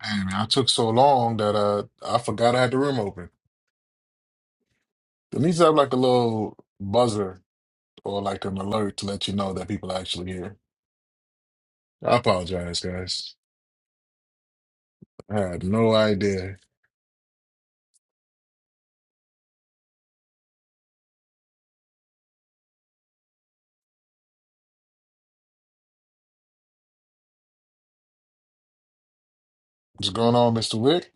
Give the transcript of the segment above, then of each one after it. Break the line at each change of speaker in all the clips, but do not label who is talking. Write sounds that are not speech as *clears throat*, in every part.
Hey, man, I took so long that uh, I forgot I had the room open. It needs to have like a little buzzer or like an alert to let you know that people are actually here. I apologize, guys. I had no idea. What's going on, Mr. Wick?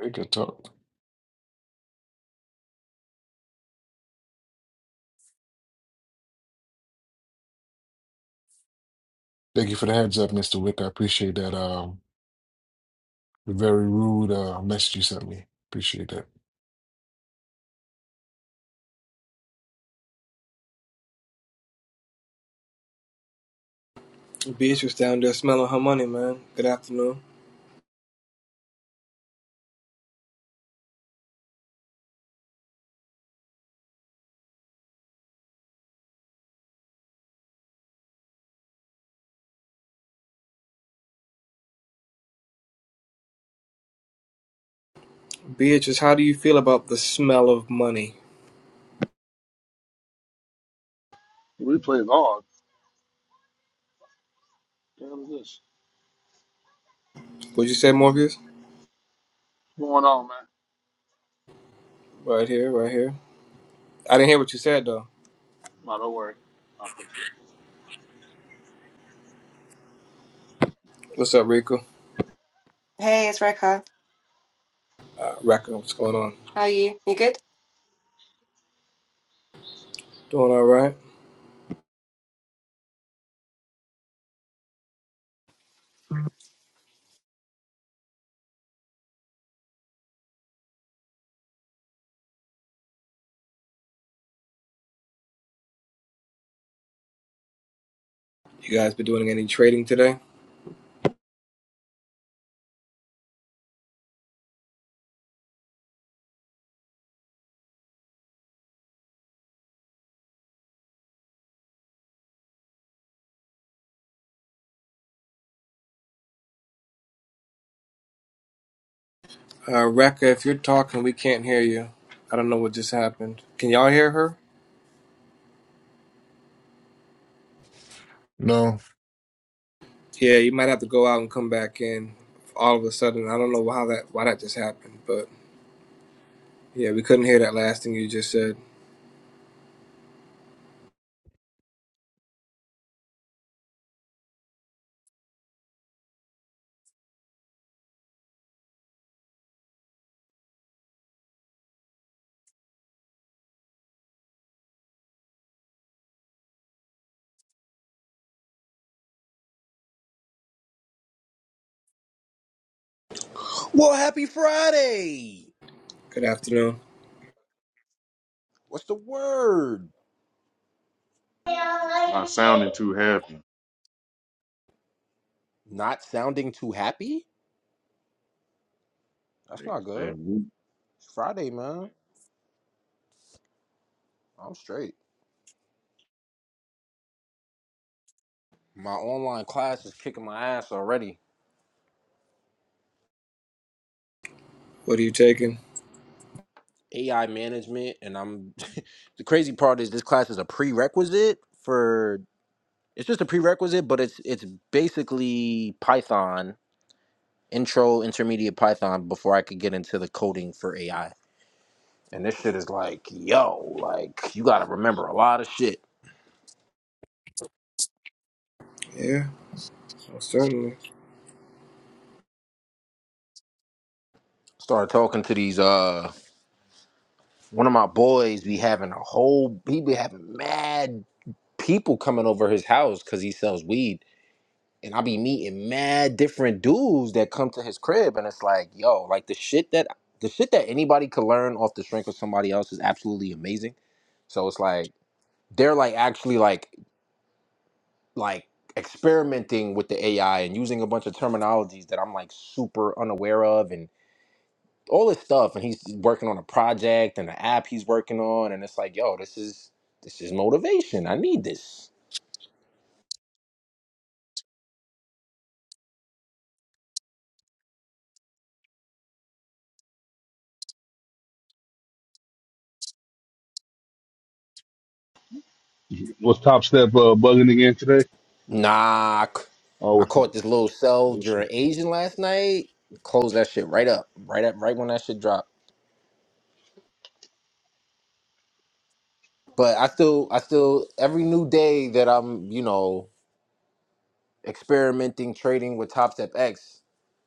Hey, good talk. Thank you for the heads up, Mr. Wick. I appreciate that. Um, the very rude uh, message you sent me. Appreciate that.
Beatrice down there smelling her money, man. Good afternoon. Beatrice, how do you feel about the smell of money?
Replay is on. What the hell is this?
What'd you say, Morpheus?
What's going on, man?
Right here, right here. I didn't hear what you said, though.
No, don't worry. I'll fix it.
What's up, Rico?
Hey, it's Rekha.
Uh, Rekka, what's going on?
How are you? You good?
Doing all right? You guys been doing any trading today? Uh, Rekka, if you're talking, we can't hear you. I don't know what just happened. Can y'all hear her?
No,
Yeah, you might have to go out and come back in all of a sudden. I don't know how that why that just happened, but yeah, we couldn't hear that last thing you just said.
Well, happy Friday!
Good afternoon.
What's the word?
Not sounding too happy,
Not sounding too happy? That's not
niggas.
good.
Then
It's Friday, man. I'm straight. My online class is kicking my ass already.
What are you taking?
AI management, and I'm. *laughs* the crazy part is this class is a prerequisite for. It's just a prerequisite, but it's it's basically Python intro, intermediate Python before I could get into the coding for AI. And this shit is like, yo, like you got to remember a lot of shit
Yeah. Most certainly.
Started talking to these uh one of my boys be having a whole he be having mad people coming over his house because he sells weed. And I be meeting mad different dudes that come to his crib and it's like, yo, like the shit that the shit that anybody could learn off the strength of somebody else is absolutely amazing. So it's like they're like actually like like experimenting with the AI and using a bunch of terminologies that I'm like super unaware of all this stuff and he's working on a project and an app he's working on and it's like yo this is this is motivation i need this
Was Top Step uh, bugging again today?
nah i c- I
Oh, it was,
caught this little cell
it was
during asian last night closed that shit right up right up right when that shit dropped but i still i still every new day that i'm you know experimenting trading with top step x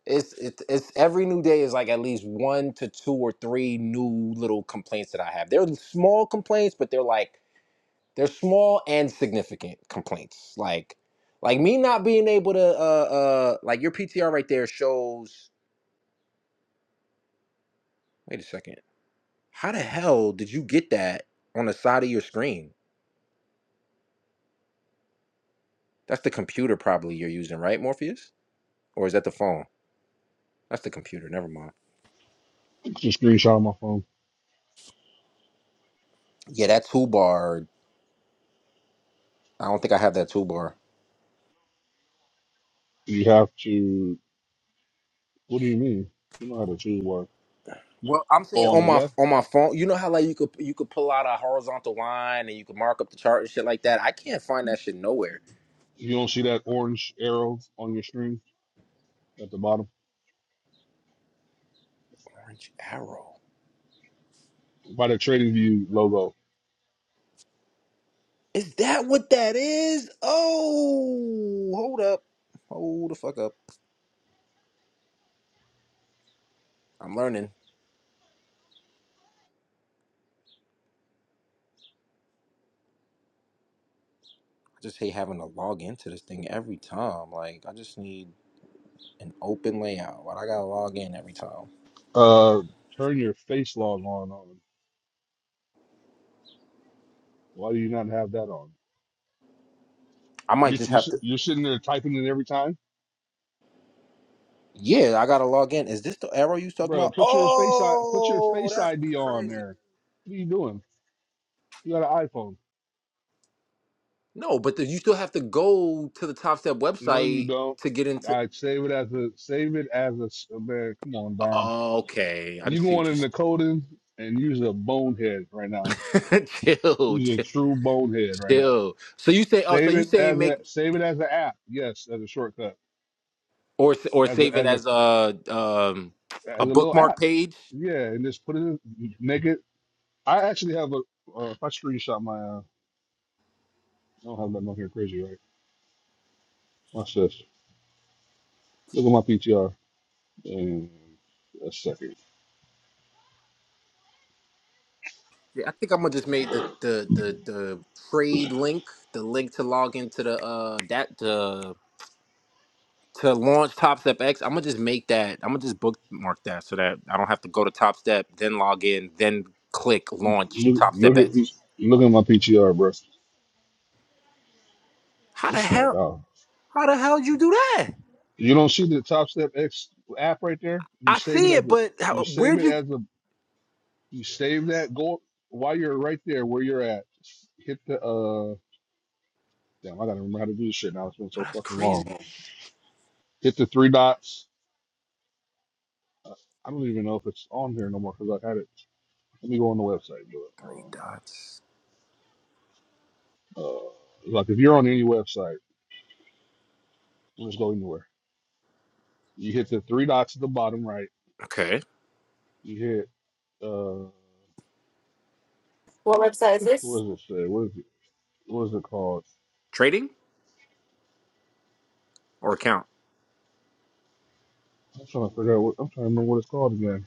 it's, it's it's every new day is like at least one to two or three new little complaints that i have they're small complaints but they're like They're small and significant complaints. Like, like me not being able to, uh, uh, like your PTR right there shows. Wait a second. How the hell did you get that on the side of your screen? That's the computer probably you're using, right, Morpheus? Or is that the phone? That's the computer. Never mind.
it's a screenshot on my phone.
Yeah, that toolbar. I don't think I have that toolbar.
You have to. What do you mean? You know how to choose work.
Well, I'm saying
Oh, on the
on my
left,
on my phone. You know how like you could you could pull out a horizontal line and you could mark up the chart and shit like that. I can't find that shit nowhere.
you don't see that orange arrow on your screen at the bottom
Orange arrow.
by the Trading View logo.
Is that what that is? Oh, hold up. Hold the fuck up. I'm learning. I just hate having to log into this thing every time. Like, I just need an open layout, but I gotta log in every time.
Uh, turn your face log on. On why do you not have that on?
I might
You,
just
you
have to.
you're sitting there typing it every time,
Yeah, I gotta log in. Is this the arrow you was talking
bro.
about?
Put your face I, put your
Oh,
face
that's
ID on
crazy.
there. What are you doing? You got an iPhone.
No, but then you still have to go to the Top Step
No, you
website
don't.
to get into.
All right, save it as a save it as a s- man. Come on, Dom.
Okay, I
You
see
going
what you
in the coding and use a bonehead right now.
said. *laughs* chill,
Use a
chill,
true bonehead right now.
chill. So you say, oh, so
Save
you
it
saying
as
make
a save it as an app. Yes, as a shortcut.
or s- or
As a
save it
as a
as a um,
as
a
a little
bookmark
app.
page.
Yeah, and just put it in, make it. I actually have a. Uh, if I screenshot my, uh, I don't have that on here crazy, right? Watch this. Look at my PTR. And a second.
Yeah, I think I'm gonna just make the the the, the trade link, the link to log into the uh that the to launch Top Step X. I'm gonna just make that. I'm gonna just bookmark that so that I don't have to go to Top Step, then log in, then click launch
Look,
Top
look
Step
at
X.
look at my PTR, bro.
How the
It's not
hell?
bad.
How the hell you do that?
You don't see the Top Step X app right there? You
I
save it
see
as
it,
a
but
you
how,
save
where'd
it
you?
as a you save that Go while you're right there where you're at. Hit the uh damn I gotta remember how to do this shit now. It's been
Oh,
so
that's
fucking
crazy.
long.
Three
Hit the three dots. Uh, I don't even know if it's on here no more because I had it. Let me go on the website and do it. Hold
dots.
on. Uh, like if you're on any website, we'll just go anywhere. You hit the three dots at the bottom right.
Okay,
You hit uh
What website is this?
what does it say? What is it? What is it called?
trading or account.
I'm trying to figure out what I'm trying to remember what it's called again.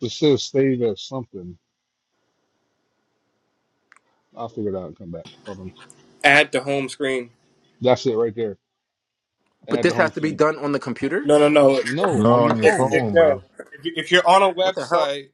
It says save as something. I'll figure it out and come back. Hold on.
Add to home screen.
That's it right there.
But
Add to
this has
home
to be
screen.
done on the computer.
No, no, no. If,
No,
no,
on
on
your
your
if,
phone.
if,
phone,
no.
bro.
if, you, if you're on a
What the hell?
website,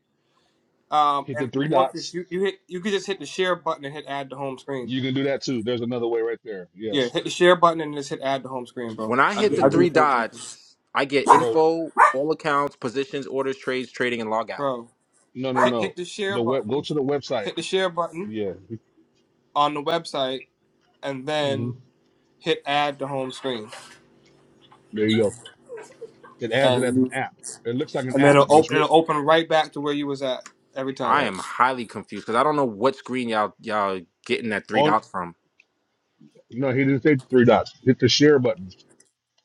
um,
Hit the
and
three
Morpheus,
dots.
you, you hit you could just hit the share button and hit add to home screen.
You can do that too. There's another way right there.
Yeah,
Yes.
hit the share button and just hit add to home screen, bro.
When I
I
hit
There
do
the
I
you
do the
three
go.
same thing, too.
dots, I get
Bro,
info, all accounts, positions, orders, trades, trading, and log out.
bro.
no no
Hit, hit
no.
the share
The web go
button.
to the website.
Hit the share button
Yeah.
on the website, and
hmm
then hit add to home screen,
There you go. It adds it
and
as an
you,
app. It looks like an
and
app,
it'll
but it's
open
writ-
it'll open right back to where you was at every time.
I
right.
am highly confused because I don't know what screen y'all y'all getting that three
On
dots from.
no, he didn't say three dots. Hit the share button,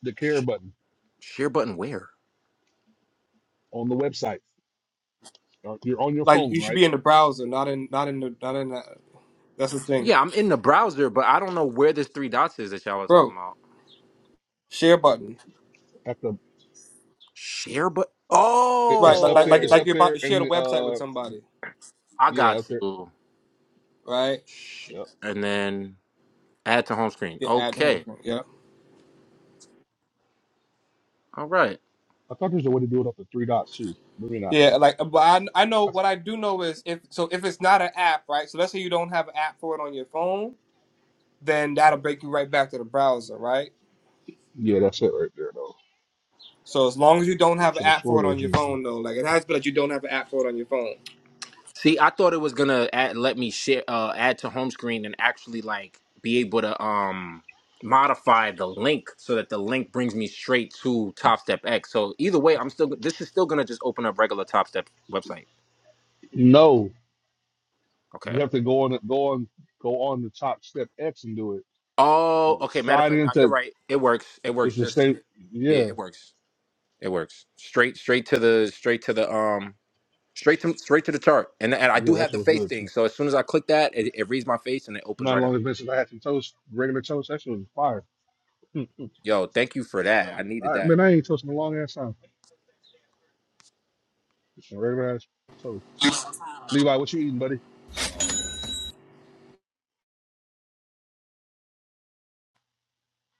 the care
Sh-
button
share button where?
on the website. Or You're on your
Like
phone,
you should
right?
be in the browser, not in not in the not in that. That's the thing.
Yeah, I'm in the browser, but I don't know where this three dots is that y'all are talking
bro.
about.
Share button,
At the
Share button.
It,
right?
it's
Like
up
like
there.
like,
It's
like
up
you're
Oh,
about
there
to
in
share the
the
website with
uh
somebody,
I
yeah
got
up there.
you.
right?
Share-
Yeah.
And then add to home screen.
Yeah, add to home
Okay.
screen. Yeah,
All right.
I thought there's a way to do it up to three dots too. Maybe not.
yeah. Like, but I I know what I do know is if so if it's not an app, right? So let's say you don't have an app for it on your phone, then that'll break you right back to the browser, right?
Yeah, that's it right there though.
So as long as you don't have an
For the
app for it
shorter
on your
version.
phone, though, like it has to be that you don't have an app for it on your phone.
See, I thought it was gonna add, let me share, uh, add to home screen and actually like be able to um modify the link so that the link brings me straight to Top Step X. So either way, I'm still this is still gonna just open up regular Top Step website.
No, you
Okay.
have to go on go on go on the top step X and do it.
Oh, okay. Matter of
Side
fact, now you're
into
right. It works. It
it's
works.
the
Just
same.
yeah,
Yeah,
it works. It works. Straight, straight to the, straight to the um, straight to straight to the chart. And and I
yeah,
do
that
have the
shit was
face
good
thing.
too.
So as soon as I click that, it, it reads my face and it opens
Not
right up.
long as been since I had some toast, regular toast. That shit was fire.
Yo, thank you for that. I needed
I,
that.
man, I ain't toasting a long ass time. Just some regular ass toast. Levi, what you eating, buddy?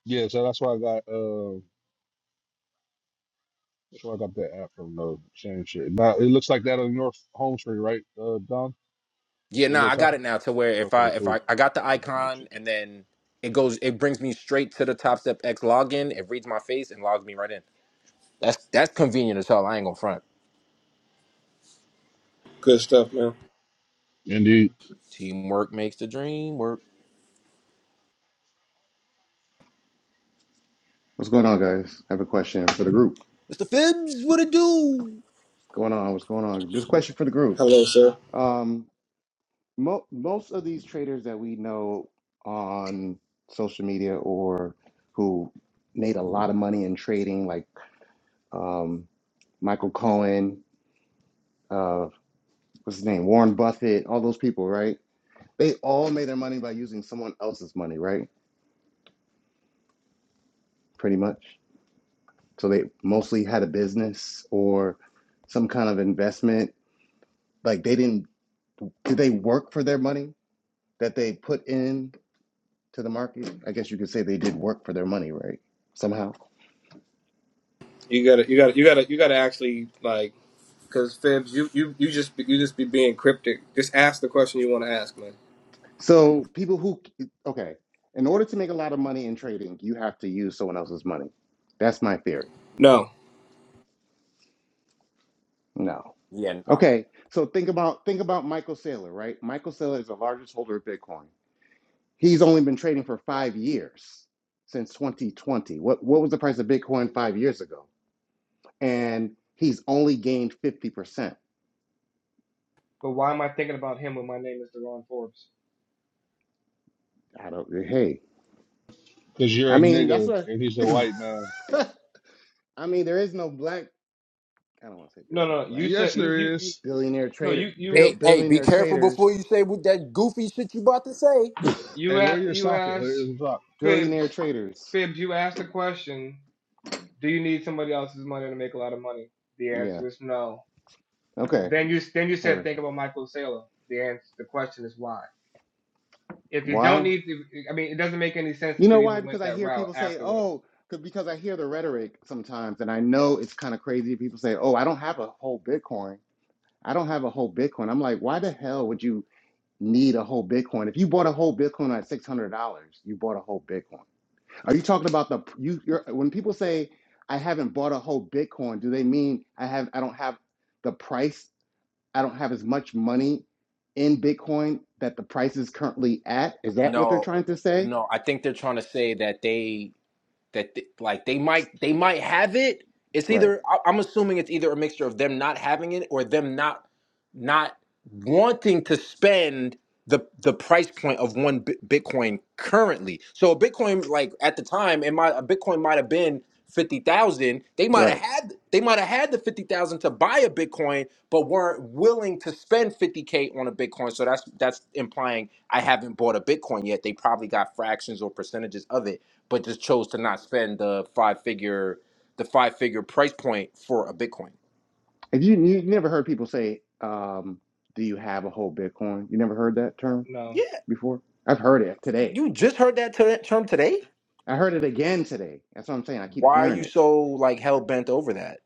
Yeah, so that's why I got. Before I got that app from the same shit. Now it looks like that on your Home Street, right, uh, Don?
Yeah,
The
no,
little
I
top.
got it now to where if
Okay,
I if
cool.
I, I got the icon and then it goes it brings me straight to the Top Step X login, it reads my face and logs me right in. That's that's convenient as hell. I ain't gonna front.
Good stuff, man.
Indeed,
Teamwork makes the dream work.
What's going on, guys? I have a question for the group.
Mr. Phibbs, what it do?
What's going on? What's going on? Just a question for the group.
Hello, sir.
Um, mo- most of these traders that we know on social media or who made a lot of money in trading, like um, Michael Cohen, uh, what's his name, Warren Buffett, all those people, right? They all made their money by using someone else's money, right? Pretty much. So they mostly had a business or some kind of investment. Like they didn't. Did they work for their money? that they put in to the market. I guess you could say they did work for their money, right? Somehow.
You gotta, you gotta, you gotta, you gotta actually like, cause Fibs, you you you just you just be being cryptic. Just ask the question you want to ask, man.
So people who okay, in order to make a lot of money in trading, you have to use someone else's money. That's my theory.
No.
No.
Yeah, nah.
Okay. So think about think about Michael Saylor, right? Michael Saylor is the largest holder of Bitcoin. He's only been trading for 5 years since 2020. What what was the price of Bitcoin 5 years ago? And he's only gained 50%.
But why am I thinking about him when my name is Deron Forbes?
I don't hey.
because you're
I
a
mean, that's
nigga
what
and he's a white man.
I, *laughs* I mean, there is no black. I don't want to say there
No,
is no
no, you
black
Yes,
said you you,
there
you
is.
billionaire
no
trader.
you
Bill,
Hey,
you
hey, be
billionaire
careful
traders.
before you say what that goofy shit you about to say.
*laughs*
you
Hey,
a-
where your
you
socket? Where
asked
is the socket?
billionaire
Fibs
traders.
Fibs you asked the question. Do you need somebody else's money to make a lot of money? The
Yeah.
answer is no.
Okay.
Then you then you said
Her.
think about Michael Saylor. The answer the question is why. If you don't
Why?
need, to, I mean, it doesn't make any sense
You
that you
know why?
even went
Because I
that
hear
route
people say,
afterwards.
"Oh," 'cause- because I hear the rhetoric sometimes, and I know it's kind of crazy. People say, "Oh, I don't have a whole Bitcoin. I don't have a whole Bitcoin." I'm like, why the hell would you need a whole Bitcoin? If you bought a whole Bitcoin at six hundred dollars, you bought a whole Bitcoin. Are you talking about the you? You're, when people say I haven't bought a whole Bitcoin, do they mean I have? I don't have the price. I don't have as much money in Bitcoin that the price is currently at. Is that what they're
No,
trying to say?
no, I think they're trying to say that they that th- like they might they might have it. It's
Right,
either I- I'm assuming it's either a mixture of them not having it or them not not wanting to spend the the price point of one bi- Bitcoin currently. So a Bitcoin like at the time, it might a Bitcoin might have been fifty thousand. They might have
right.
had they might have had the fifty thousand to buy a Bitcoin, but weren't willing to spend fifty k on a Bitcoin. So that's that's implying I haven't bought a Bitcoin yet. They probably got fractions or percentages of it but just chose to not spend the five figure the five figure price point for a Bitcoin.
Have you you never heard people say, um, "Do you have a whole Bitcoin?" You never heard that term
No,
Yeah,
before. I've heard it today.
you just heard that ter- term today.
I heard it again today. That's what I'm saying. I keep
Why are
hearing
you
it
so like hell bent over that,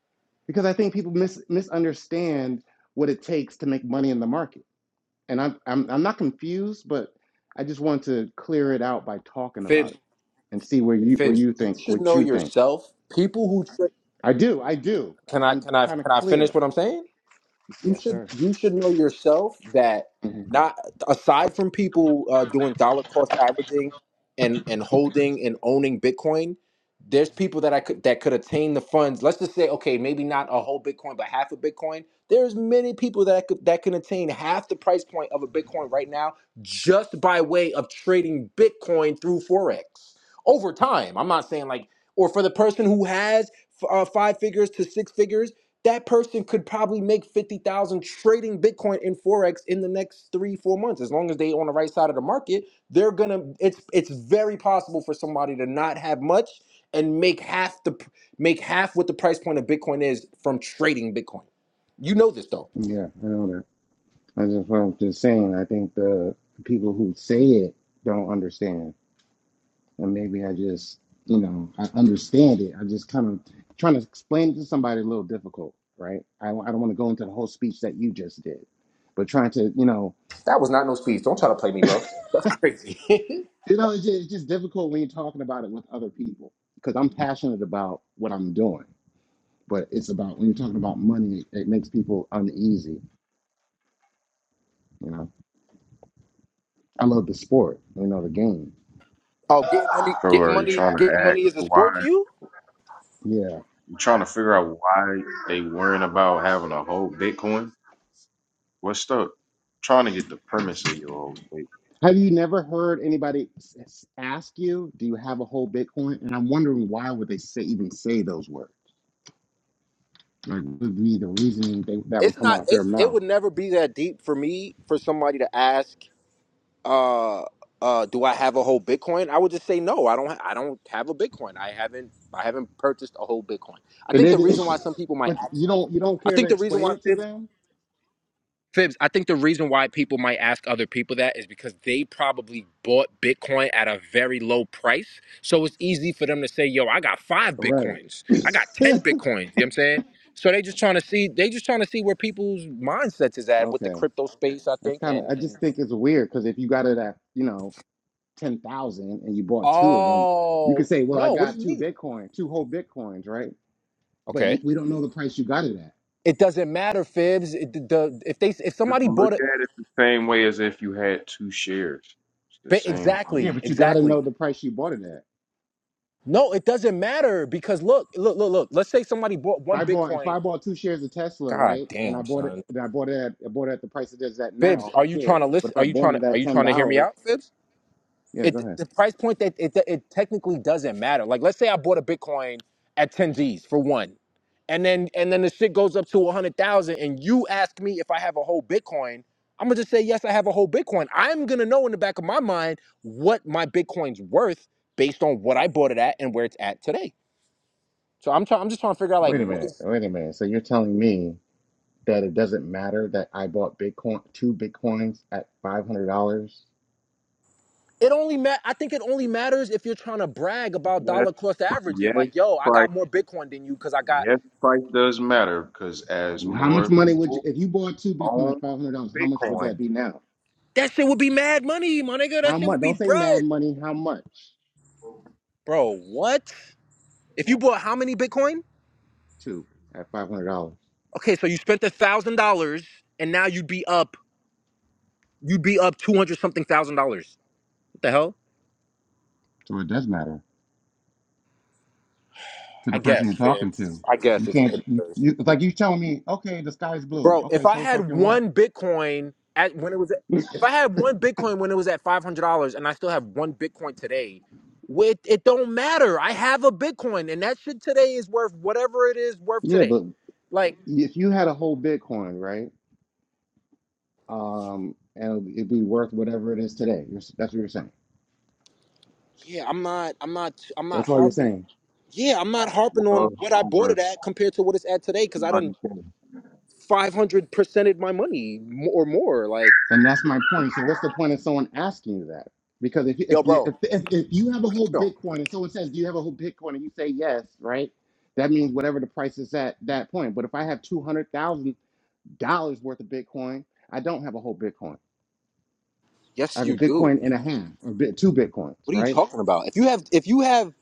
because I think people mis- misunderstand what it takes to make money in the market and I'm I'm I'm not confused, but I just want to clear it out by talking about
Fibs?
it and see where you where
Fibs,
you
you
think
should
what
know
you think.
yourself. People who trick.
I do, I do.
Can I
I'm
can I
kind of
can I finish
clear.
what I'm saying? you
Yes,
should
sir.
you should know yourself that
hmm
not aside from people uh, doing dollar cost averaging and and holding and owning Bitcoin, there's people that I could that could attain the funds. Let's just say, okay, maybe not a whole Bitcoin, but half a Bitcoin. There's many people that I could that can attain half the price point of a Bitcoin right now just by way of trading Bitcoin through forex over time. I'm not saying like or for the person who has f- uh, five figures to six figures that person could probably make 50,000 trading Bitcoin in Forex in the next three, four months. As long as they on the right side of the market, they're gonna it's it's very possible for somebody to not have much and make half the make half what the price point of Bitcoin is from trading Bitcoin. You know this though.
Yeah, I know that. That's just what I'm just saying. I think the people who say it don't understand, and maybe I just you know I understand it. I just kind of trying to explain it to somebody a little difficult, right? I I don't want to go into the whole speech that you just did, but trying to you know
That was not no speech. Don't try to play me, bro. That's crazy. *laughs*
You know, it's just, it's just difficult when you're talking about it with other people because I'm passionate about what I'm doing, but it's about when you're talking about money, it makes people uneasy. You know, I love the sport, you know, the game.
oh, getting money,
so
getting
are you
money,
trying to
getting
act
money is a
why?
sport to you?
Yeah.
You trying to figure out why they worrying about having a whole Bitcoin? What's up? Trying to get the premise of your whole thing.
Have you never heard anybody s- s- ask you, "Do you have a whole Bitcoin?" And I'm wondering why would they say even say those words? Like, what would be the reasoning they, that would
It's
come
not
out their
it's it
mouth?
would never be that deep for me for somebody to ask uh, uh, do I have a whole Bitcoin? I would just say no. I don't. Ha- I don't have a Bitcoin. I haven't. I haven't purchased a whole Bitcoin. I
And
think
it,
the
*laughs*
reason why some people might
but
ask.
you don't you don't
I
care to
think the reason
explain
why
it to
fibs,
them,
fibs. I think the reason why people might ask other people that is because they probably bought Bitcoin at a very low price. So it's easy for them to say, "Yo, I got five
right?
Bitcoins. I got ten Bitcoins." You know what I'm saying? So they just trying to see. They just trying to see where people's mindsets is
*laughs*
at with the
okay.
crypto space. I
That's
think
kind of,
and
I
and.
just think it's weird because if you got it at, you know, 10,000 and you bought two of them, you
Oh
could say, well, I
no! What do you
got two
mean?
Bitcoin, two whole Bitcoins, right? But you,
Okay.
we don't know the price you got it at.
It doesn't matter, fibs. It, the, if they if
Just
somebody
look
bought it,
at it the same way as if you had two shares. It's the
ba-
same thing.
Yeah,
exactly,
but you got to
exactly.
know the price you bought it at.
No, it doesn't matter because look, look, look, look. Let's say somebody bought
If
one
I bought, if
Bitcoin.
I bought two shares of Tesla,
God
right, and I
damn,
bought it,
son.
and I bought it at, I bought it at the price it is at
Fibs,
now,
are
who
you trying
cares?
to
But
listen?
if I
Are you
bought
trying to
it
are
at
you
$10,
trying to hear me out, Fibs?
yeah, go
it
ahead.
the price point that it, it technically doesn't matter. Like let's say I bought a Bitcoin at 10 G's for one. And then and then the shit goes up to 100,000 and you ask me if I have a whole Bitcoin, I'm going to just say yes, I have a whole Bitcoin. I'm going to know in the back of my mind what my Bitcoin's worth based on what I bought it at and where it's at today. So I'm trying I'm just trying to figure out like
Wait a
what
minute.
is
Wait a minute. So you're telling me that it doesn't matter that I bought Bitcoin, two Bitcoins at $500?
it only ma- I think it only matters if you're trying to brag about
Yes,
dollar cost averaging
yes,
like yo, I
price.
got more Bitcoin than you cuz I got
Yes, price does matter because as
How much
more
money would you,
people
if you bought two Bitcoin at
own
five hundred dollars? How much would that
Bitcoin,
be now?
That shit would be mad money, my nigga. That
How
shit
much?
would be
Don't say mad
bread.
money. How much?
Bro, what? If you bought how many Bitcoin?
Two at five hundred dollars.
Okay, so you spent a thousand dollars and now you'd be up you'd be up two hundred something thousand dollars. What the hell?
So it does matter to
I
the person
guess,
you're talking
Fibs.
to.
I guess
You
if
can't.
it
You,
is.
you it's like you telling me, okay, the sky's blue.
Bro,
Okay,
if I
so
had
fucking what?
one Bitcoin at when it was at,
*laughs*
if I had one Bitcoin when it was at five hundred dollars and I still have one Bitcoin today, with it don't matter. I have a Bitcoin and that shit today is worth whatever it is worth
Yeah,
today.
but
Like
if you had a whole Bitcoin, right? Um, and it'd be worth whatever it is today. You're, that's what you're saying.
yeah, I'm not, I'm not, I'm not
That's all
it's
you're
harping.
saying.
Yeah, I'm not harping
well
on what I bought
over
it at compared to what it's at today because
two
I done
hundred k.
500 percented my money m- or more. Like,
And that's my point. So what's the point of someone asking you that? Because if you, if
yo,
you,
bro,
if, if, if you have a whole
no,
Bitcoin and someone says, "Do you have a whole Bitcoin?" and you say yes, right? That means whatever the price is at that point. But if I have two hundred thousand dollars worth of Bitcoin, I don't have a whole Bitcoin. I
yes,
have a
you do.
Bitcoin and a half or bit, two Bitcoins,
What are you
right?
talking about? If you have, if you have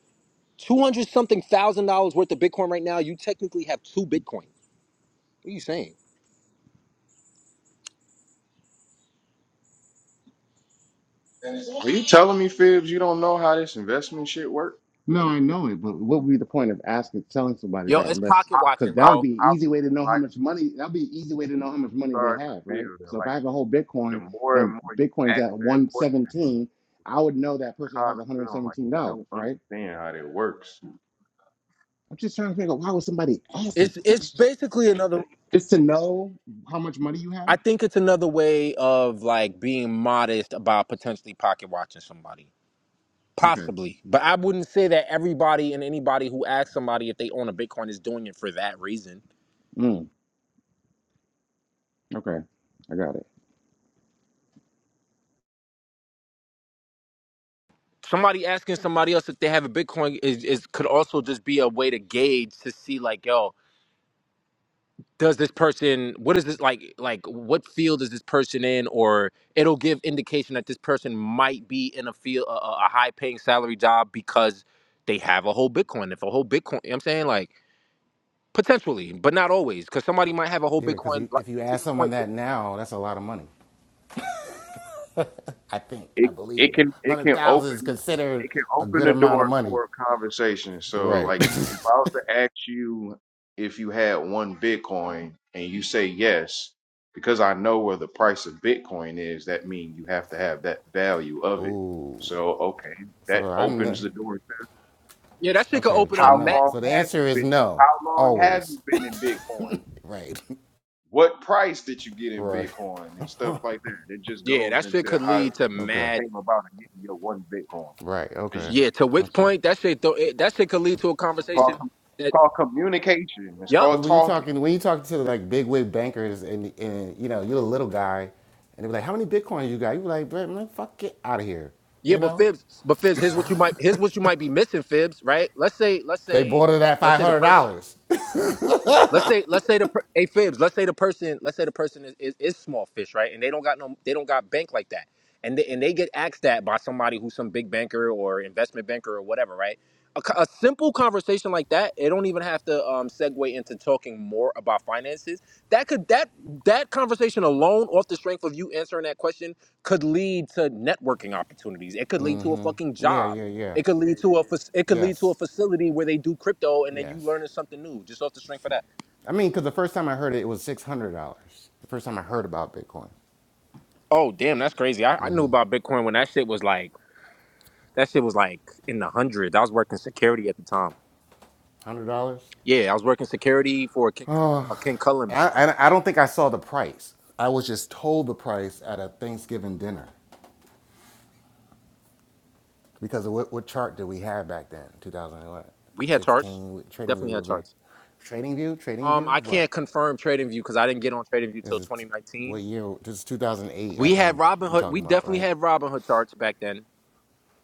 200 something thousand dollars worth of Bitcoin right now, you technically have two Bitcoin. What are you saying?
Are you telling me, Fibs, you don't know how this investment shit works?
No, I know it, but what would be the point of asking, telling somebody
Yo,
that
it's
unless,
pocket
because
watching,
I,
that would
bro.
be an
I'm
easy way to know how
like
much money, that'd be an easy way to know how much money they
starting
have,
to
right?
feel that.
So if
Like
I have a whole
the
Bitcoin
more and
and
more you
Bitcoin's
ask
at
that question,
117, I would know that person
I kind
has
of feel like
$117,
you don't
right?
understand how that works.
I'm just trying to figure out why would somebody ask that
It's it's
question?
basically another.
Just to know how much money you
I
have?
think it's another way of like being modest about potentially pocket watching somebody.
Okay.
Possibly, but I wouldn't say that everybody and anybody who asks somebody if they own a Bitcoin is doing it for that reason.
Mm, okay. I got it.
Somebody asking somebody else if they have a Bitcoin is, is could also just be a way to gauge to see like, yo, does this person what is this like like what field is this person in or it'll give indication that this person might be in a field a, a high paying salary job because they have a whole Bitcoin. If a whole Bitcoin, you know what I'm saying like potentially, but not always, because somebody might have a whole
Yeah, because
Bitcoin. Like
if you
to
ask
your
someone
point,
that now, that's a lot of money. I think, I
it it
believe, a
can it
hundred
can
thousand is
open
considered
it can
a
open
good
the
amount of
door
money.
for a conversation. So
Right.
like if
*laughs*
I was to ask you if you had one Bitcoin and you say yes, because I know where the price of Bitcoin is, that means you have to have that value of it.
Ooh.
So okay,
So
that
I'm the,
opens the door.
yeah, that shit could
okay.
open
So
up.
How
ma-
no.
long
So the
have you
answer is
been?
no.
How long have
Always.
you
*laughs*
been in Bitcoin?
Right.
What price did you get in
right.
Bitcoin and stuff like that? It just
Yeah,
goes
that shit
into
could
how
lead to
you got-
Okay.
mad.
came about and getting your one Bitcoin.
Right. Okay.
It's
Yeah, to Wick's
Okay.
point, that shit though, it, that shit could lead to a
called
conversation
com-
that.
called communication. It's
Yup.
Because
called
when you
talking.
talking when you talk to like big wig bankers and and you know you're a little guy, and they be like, how many bitcoins you got? You be like, "Bruh, man, fuck, get out of here.
Yeah,
You
but
know.
Fibs, but Fibs, here's what you might here's what you might be missing, Fibs. Right? Let's say let's
They
say
bought it at
let's
five
say the
hundred
person.
dollars. *laughs*
Let's say let's say the per- hey fibs. Let's say the person let's say the person is, is, is small fish, right? And they don't got no they don't got bank like that, and they, and they get asked that by somebody who's some big banker or investment banker or whatever, right? A, co- a simple conversation like that, it don't even have to um, segue into talking more about finances. That could that that conversation alone, off the strength of you answering that question, could lead to networking opportunities. It could lead to a
Mm-hmm.
fucking
Yeah,
job.
yeah, yeah.
It could lead to a fac- it could lead to
Yes,
a facility where they do crypto, and then you
yes.
learning something new just off the strength of that.
I mean, because the first time I heard it, it was six hundred dollars. The first time I heard about Bitcoin.
Oh, damn, that's crazy. I, I knew about Bitcoin when that shit was like that shit was like in the hundreds. I was working security at the time.
one Hundred dollars.
Yeah, I was working security for a King, a King Cullen
I,
building.
I I don't think I saw the price. I was just told the price at a Thanksgiving dinner because of what what chart did we have back then?
We had charts,
2016. Trading
definitely
View
had
was there.
charts.
Trading View. Trading
Um,
View.
I
What
can't confirm TradingView because I didn't get on TradingView
is
till
this? t- What
2019.
year? This is 2008. I
We
think
had
I'm, we're
Robinhood.
talking
We
about
definitely
right.
had Robinhood charts back then,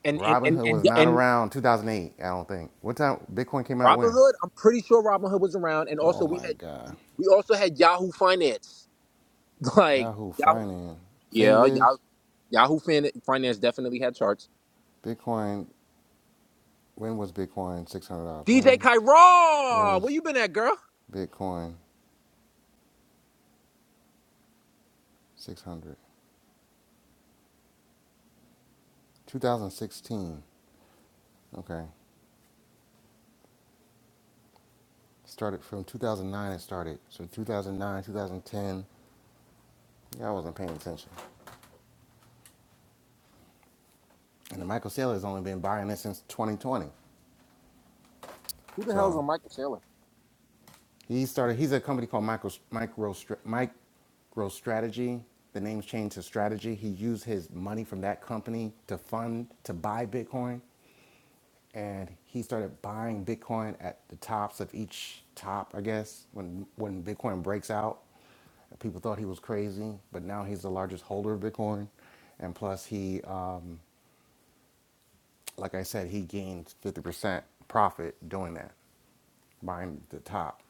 and and and
Robinhood
and,
was
yeah,
not
and
around 2008. I don't think. What time Bitcoin came out? When?
Robinhood. I'm pretty sure Robinhood was around, and
Oh
also we
my
had
God.
we also had Yahoo Finance. *laughs* Like
Yahoo
Yahoo,
Finance.
yeah,
Finviz.
Yahoo, Yahoo Fin- Finance definitely had charts.
Bitcoin. When was Bitcoin six hundred dollars?
DJ
When
Kyra,
was
where you been at, girl?
Bitcoin 600. 2016. Okay. Started from 2009 it started. So 2009, 2010, yeah, I wasn't paying attention. And the Michael Saylor has only been buying it since 2020.
Who the hell's
So
a Michael Saylor?
he started, he's a company called Micro, Micro, Micro Strategy. The name's changed to Strategy. He used his money from that company to fund, to buy Bitcoin. and he started buying Bitcoin at the tops of each top, I guess, when when Bitcoin breaks out. People thought he was crazy, but now he's the largest holder of Bitcoin, and plus he, uh, like I said, he gained fifty percent profit doing that, buying the top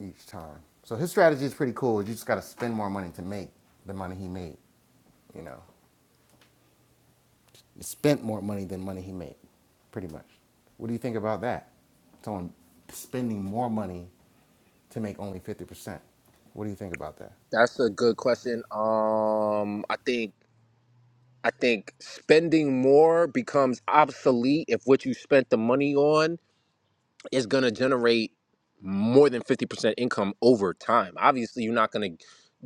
each time. So his strategy is pretty cool. You just got to spend more money to make the money he made. You know, he spent more money than money he made, pretty much. What do you think about that? Someone spending more money to make only 50%. What do you think about that?
That's a good question. Um, I think I think spending more becomes obsolete if what you spent the money on is gonna generate more than fifty percent income over time. Obviously, you're not gonna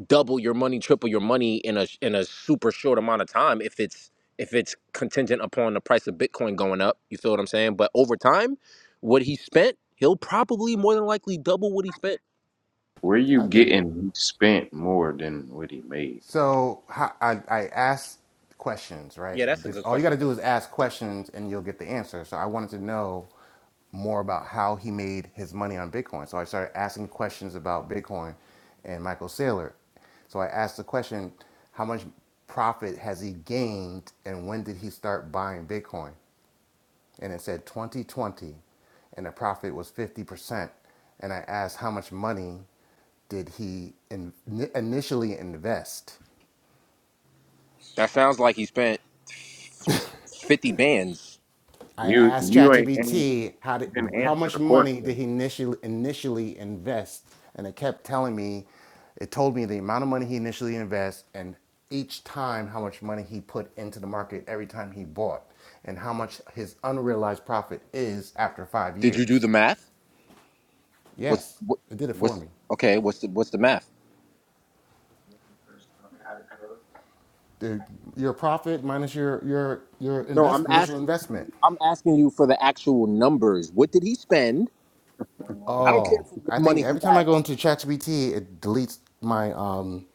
double your money, triple your money in a in a super short amount of time if it's if it's contingent upon the price of Bitcoin going up. You feel what I'm saying? But over time, what he spent, he'll probably more than likely double what he spent.
Where you
I think
getting he spent more than what he made?
So I, I asked questions, right?
Yeah,
You
that's a
just
good
all you got
question.
to do is ask questions, and you'll get the answer. So I wanted to know more about how he made his money on Bitcoin. So I started asking questions about Bitcoin and Michael Saylor. So I asked the question, how much profit has he gained, and when did he start buying Bitcoin? and it said 2020 and the profit was 50% and i asked how much money did he in, initially invest
That sounds like he spent fifty bands.
i
You
asked
you ain't an-
chatgpt how did,
didn't
how
answer
much
the
money
question.
did he initially initially invest and it kept telling me it told me the amount of money he initially invests and each time how much money he put into the market every time he bought and how much his unrealized profit is after 5
Did you do
years
the math? What's
yes
what,
it did it for
what's
me
okay? What's the what's the math?
the, your profit minus your your your
No,
invest
I'm
initial
asking.
investment.
I'm asking you for the actual numbers. What did he spend? I don't care
Oh,
for
I
what
think
money he
every time I go
has.
into ChatGPT, it deletes my um,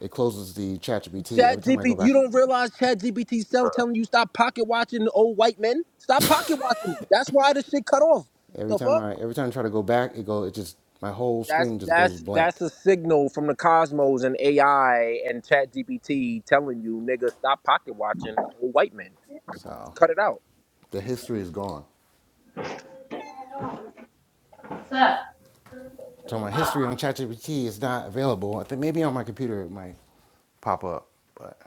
it closes the ChatGPT every
Chat
time I go
GPT,
back.
you don't realize Chat GPT self
Bruh,
telling you stop pocket watching the old white men. Stop pocket watching them. That's why the shit cut off.
Every
The
time
fuck?
I every time I try to go back, it go it just my whole
That's
screen just goes
that's
blank.
that's a signal from the cosmos and AI and Chat GPT telling you, nigga, stop pocket watching old white men.
So
Cut it out.
the history is gone. So my history on ChatGPT is not available. I think maybe on my computer it might pop up. But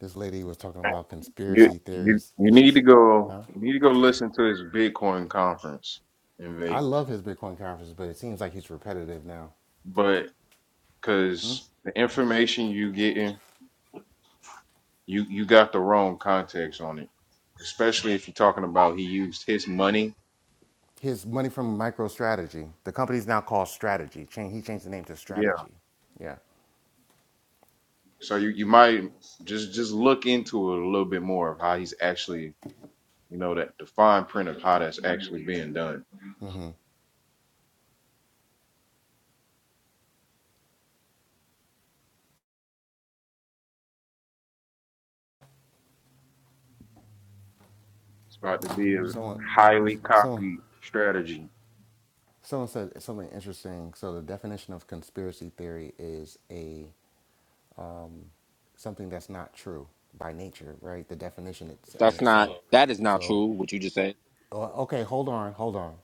this lady was talking about
You
conspiracy
you
theories,
you
and
need
she's,
to go.
huh?
You need to go listen to his Bitcoin conference in
I
Vegas.
love his Bitcoin conference, but it seems like he's repetitive now.
But because the information you getting, you you got the wrong context on it. Especially if you're talking about he used his money.
His money from MicroStrategy, the company's now called Strategy. Change, he changed the name to
Yeah.
Strategy. Yeah.
So you you might just just look into it a little bit more of how he's actually you know that the fine print of how that's actually being done. It's about to be a
Someone,
highly
someone,
copied strategy.
someone said something interesting. So the definition of conspiracy theory is a something that's not true by nature, right? The definition it's in
That's not.
itself.
That is not
So,
true. What you just said.
o- okay, hold on, hold on.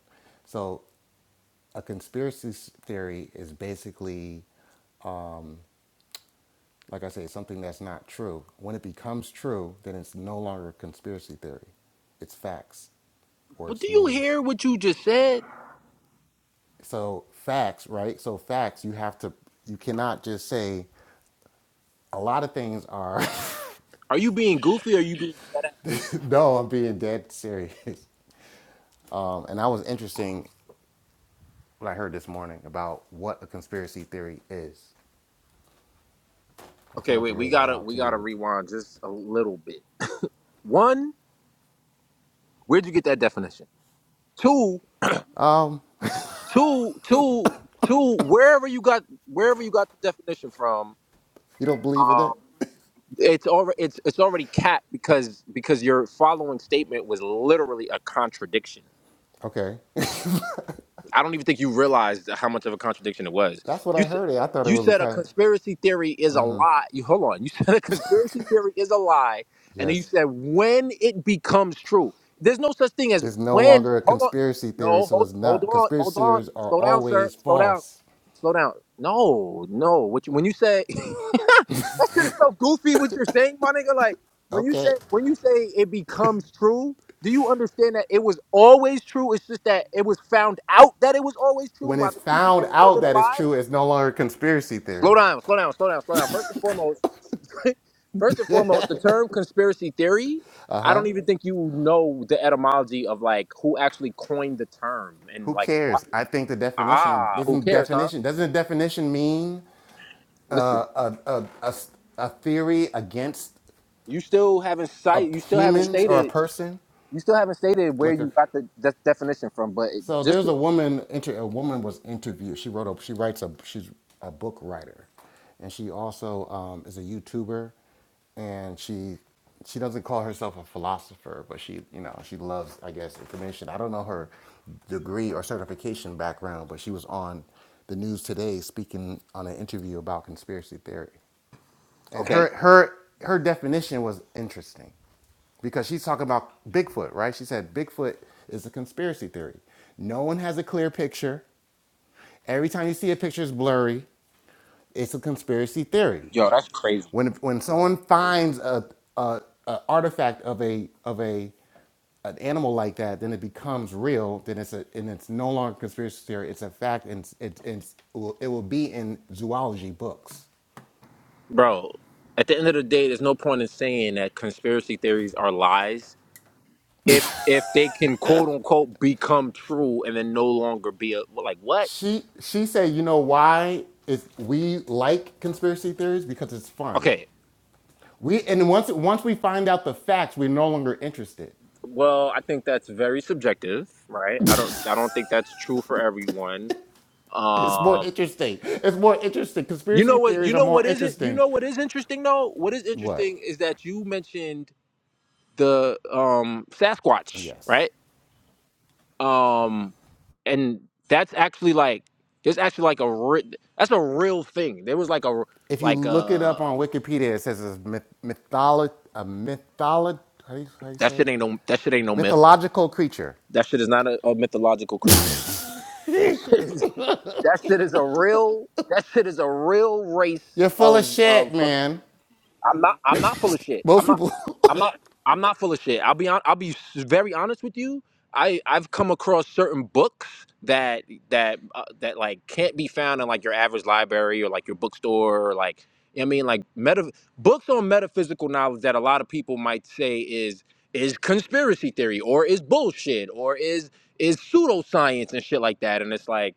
So a conspiracy s- theory is basically like I say, something that's not true. When it becomes true, then it's no longer a conspiracy theory. It's facts or
But do
it's
you
news.
hear what you just said?
So facts, right? So facts, you have to you cannot just say a lot of things are
Are you being goofy or are you being dead ass?
*laughs* no, I'm being dead serious. *laughs* Um, and that was interesting what I heard this morning about what a conspiracy theory is. I just
Okay,
wanted to
wait, we
lay that
gotta
out
we
to
gotta
you.
rewind just a little bit. One, where'd you get that definition? Two,
Um,
two, two, two, wherever you got wherever you got the definition from,
you don't believe in
um
it?
it's already it's it's already capped because because your following statement was literally a contradiction.
Okay. *laughs*
I don't even think you realized how much of a contradiction it was.
That's what I
You s-
heard it. I thought it
you
was a
said a
kind of,
conspiracy theory is a lie. You hold on. You *laughs* said a conspiracy theory is a lie, and then you
yes.
said when it becomes true. There's no such thing as
Is no
when.
longer a
Hold on.
conspiracy theory,
No,
so
hold
it's
hold
not.
on, hold
Conspiracy
on.
theories are
Slow down, sir.
always
Slow down.
false.
Slow down. No, no. What you, when you say *laughs* that shit is so goofy. What you're saying, my nigga. Like when you say
Okay.
when you say it becomes true. Do you understand that it was always true? It's just that it was found out that it was always true
When
by
it's
the people
found
that called
out
it a
that it's
lie.
true, it's no longer a conspiracy
Slow
theory.
down, slow down, slow down, slow down. First and foremost, *laughs* first and foremost, the term conspiracy theory. I don't even think you know the etymology of like who actually coined the term and
Who
like why.
cares? I think the definition
ah, who
doesn't
cares, huh?
definition doesn't a definition mean
Listen,
a a theory against
you still haven't
a
cite, you still haven't
humans or a
stated,
person,
you still haven't stated where
like a
you got the de- definition from. But it,
So
just
there's a
to
woman. Inter- a woman was interviewed. She wrote a. She writes a. She's a book writer, and she also um, is a YouTuber, and she she doesn't call herself a philosopher, but she you know she loves I guess information. I don't know her degree or certification background, but she was on the news today speaking on an interview about conspiracy theory, and
okay,
her her her definition was interesting because she's talking about Bigfoot, right? She said Bigfoot is a conspiracy theory. No one has a clear picture. Every time you see a picture, it's blurry. It's a conspiracy theory.
yo, that's crazy.
When when someone finds a, a, a artifact of a of a an animal like that, then it becomes real. Then it's a and it's no longer a conspiracy theory. It's a fact, and it's, it's, it's it will it will be in zoology books.
bro at the end of the day there's no point in saying that conspiracy theories are lies if if they can quote unquote become true and then no longer be a, well, like what
She she said, you know why is we like conspiracy theories because it's fun.
okay
We and once once we find out the facts, we're no longer interested.
well i think that's very subjective right i don't i don't think that's true for everyone
It's more
um
interesting. It's more interesting.
you
Conspiracy
know what you
theories are
know
more
what isn't you
interesting.
know what is interesting though what is
What?
interesting is that you mentioned the um sasquatch
Yes.
right um and that's actually like there's actually like a re- that's a real thing there was like a
If you
like
look it up
uh
on Wikipedia, it says it's myth- mytholo- a mytholo- how do, you, how do you
that
say
shit
it?
ain't no that shit ain't no myth
Mythological creature.
that shit is not a, a mythological creature *laughs* Shit is- that shit is a real that shit is a real
You're
race
full of
of of
shit,
fucking
man.
I'm not. I'm not full of shit. I'm
Most
not.
people *laughs*
I'm not. I'm not full of shit. I'll be on. I'll be s- very honest with you. I I've come across certain books that that uh, that like can't be found in like your average library or like your bookstore or like you know what I mean like meta books on metaphysical knowledge that a lot of people might say is is conspiracy theory or is bullshit or is is pseudoscience and shit like that and it's like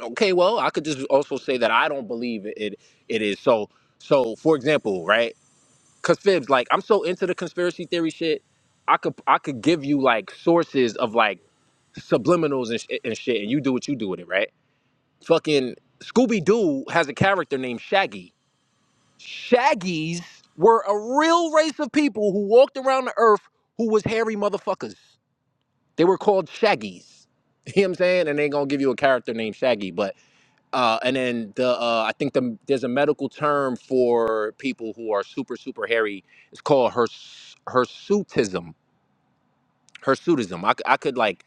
okay well I could just also say that I don't believe it it, it is so so for example right Cause fibs, like I'm so into the conspiracy theory shit, I could I could give you like sources of like subliminals and, sh- and shit, and you do what you do with it, right? Fucking Scooby Doo has a character named Shaggy. Shaggies were a real race of people who walked around the earth who was hairy motherfuckers. They were called Shaggies. *laughs* You know what I'm saying? And they ain't gonna give you a character named Shaggy, but uh, and then the uh, I think the, there's a medical term for people who are super super hairy. It's called hirs hirsutism. Hirsutism. I, c- I could like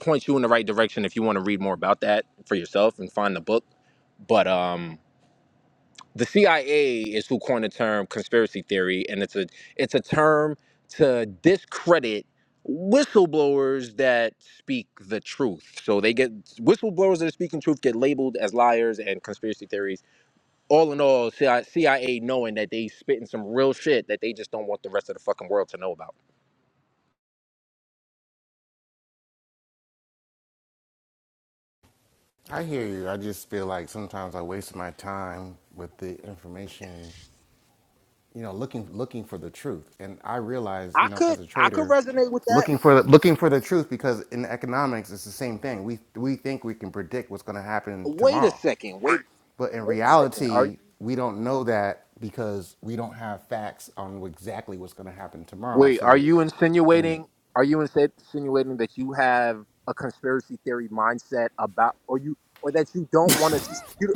point you in the right direction if you want to read more about that for yourself and find the book. But um, the CIA is who coined the term conspiracy theory, and it's a it's a term to discredit whistleblowers that speak the truth. So they get whistleblowers that are speaking truth get labeled as liars and conspiracy theories all in all, CIA, knowing that they spitting some real shit that they just don't want the rest of the fucking world to know about.
I hear you. I just feel like sometimes I waste my time with the information, you know, looking looking for the truth. And I realize, you
I
know, as
could
a
I could
trader,
resonate with that.
looking for the, looking for the truth because in economics it's the same thing. We we think we can predict what's going to happen
Wait a
tomorrow.
second. Wait
But in
wait a second. Are you
reality, we don't know that because we don't have facts on exactly what's going to happen tomorrow.
wait, are
So
you
and
insinuating are you insi- insinuating that you have a conspiracy theory mindset about or you or that you don't want to you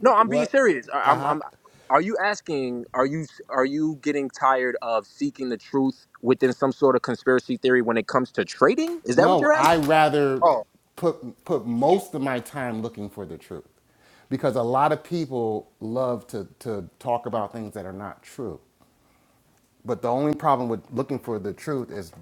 No, I'm being
what?
serious. I, I'm I'm are you asking are you are you getting tired of seeking the truth within some sort of conspiracy theory when it comes to trading? Is that what
No,
you're
I
asking?
rather
Oh.
put put most of my time looking for the truth. Because a lot of people love to to talk about things that are not true. But the only problem with looking for the truth is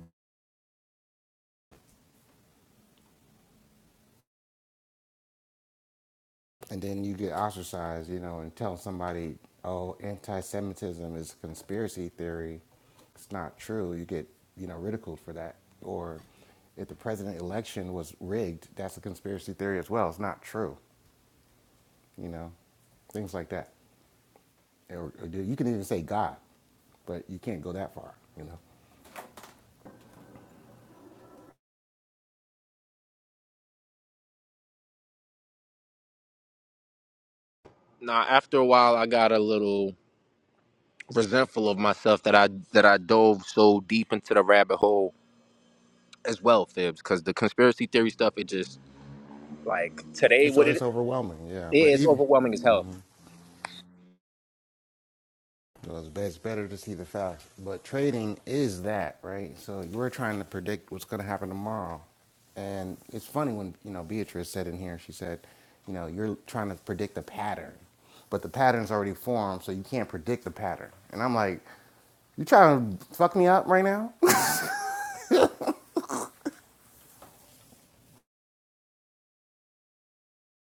and then you get ostracized, you know, and tell somebody, "Oh, anti-Semitism is a conspiracy theory." It's not true. You get, you know, ridiculed for that or if the president election was rigged, that's a conspiracy theory as well. It's not true, you know. Things like that. or, or you can even say God, but you can't go that far, you know.
Now, after a while, I got a little resentful of myself that I that I dove so deep into the rabbit hole as well, Fibs, because the conspiracy theory stuff it just like today
And
what
so it's overwhelming, yeah.
it
But
is
even
overwhelming as hell.
you know, it's it's better to see the facts. But trading is that, right? So you're trying to predict what's going to happen tomorrow, and it's funny when you know Beatrice said in here, she said, you know, you're trying to predict a pattern, but the pattern's already formed, so you can't predict the pattern. And I'm like, you trying to fuck me up right now?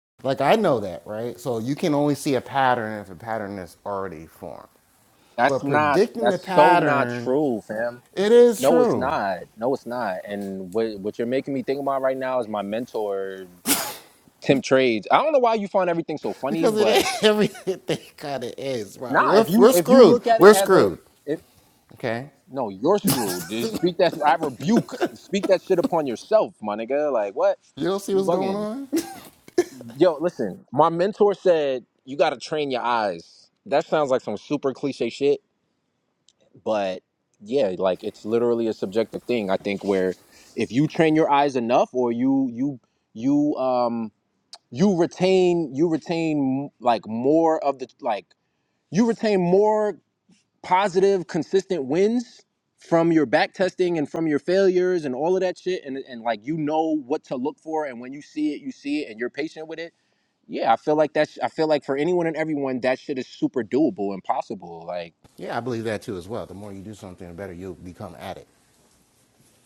*laughs* like I know that, right? So you can only see a pattern if a pattern is already formed.
That's
But
not
predicting the
that's so not
pattern,
true, fam.
it is
No, it's
true.
not. No, it's not. And what what you're making me think about right now is my mentor, Tim Trades. I don't know why you find everything so funny,
Because it is
but
*laughs* everything kind of is, bro.
nah,
We're,
if you
we're
if you
screwed.
look at it
We're
as a
screwed.
if
Okay?
No, you're screwed. Dude. Speak that. I rebuke. Speak that shit upon yourself, my nigga. Like what?
You don't see
You
what's going
bugging?
on? *laughs*
Yo, listen. My mentor said you got to train your eyes. That sounds like some super cliche shit, but yeah, like it's literally a subjective thing. I think where if you train your eyes enough, or you you you um you retain you retain like more of the like you retain more positive, consistent wins from your back testing and from your failures and all of that shit, and, and like you know what to look for, and when you see it, you see it, and you're patient with it. Yeah, I feel like that's. I feel like for anyone and everyone, that shit is super doable and possible. Like.
Yeah, I believe that too as well. The more you do something, the better you'll become at it.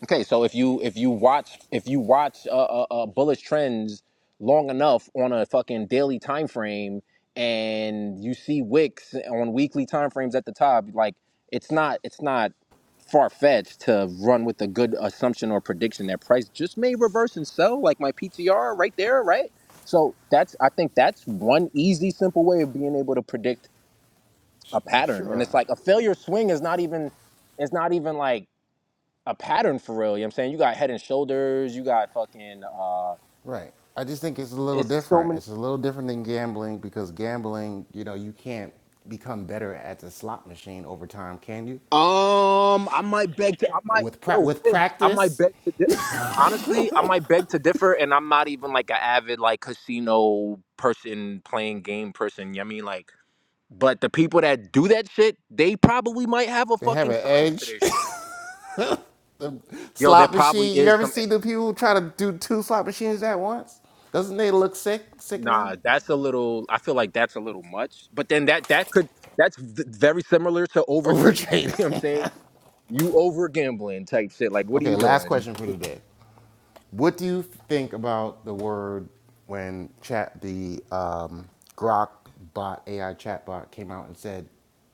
Okay, so if you if you watch if you watch uh, uh, uh, bullish trends long enough on a fucking daily time frame, and you see wicks on weekly time frames at the top, like it's not it's not far fetched to run with a good assumption or prediction that price just may reverse and sell, like my PTR right there, right? So that's I think that's one easy simple way of being able to predict a pattern, and
Sure.
it's like a failure swing is not even it's not even like a pattern for real. You know what I'm saying? You got head and shoulders, you got fucking uh
Right. I just think it's a little
it's so
different.
many
It's a little different than gambling because gambling, you know, you can't become better at the slot machine over time, can you?
Um I might beg to I might
With pra-
yo
with
fibs, I might
practice,
beg to di- honestly, I might beg to differ and I'm not even like an avid like casino person playing game person, you know what I mean? Like but the people that do that shit, they probably might have a
they have
fucking
an
science to
edge.
their shit. Yo, there
Slot
probably
machine. You
is
ever
some
see the people who try to do two slot machines at once? Doesn't they look sick, sickening?
Nah, that's a little. I feel like that's a little much. But then that that could that's v- very similar to over trading. *laughs* You know what I'm
Overtrading.
saying? You over gambling type shit. Like,
*laughs*
what are
okay,
you
last
doing?
question for today. What do you think about the word when chat the um, Grok bot AI chatbot came out and said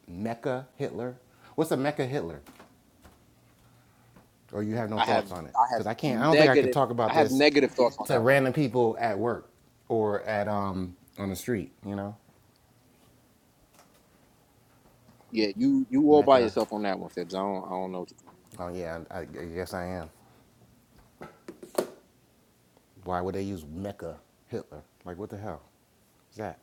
Mecha Hitler? What's a Mecha Hitler? Or you have no
I have
thoughts on it?
I have
Because I can't. I don't think I could
negative
talk about
I have
this
negative thoughts on
to
that one.
random people at work or at um on the street. You know,
Yeah, you you all by
Mecca
yourself on that one, Fibs. I don't I don't know.
Oh yeah, I, I guess I am. Why would they use Mecca Hitler? Like what the hell is that?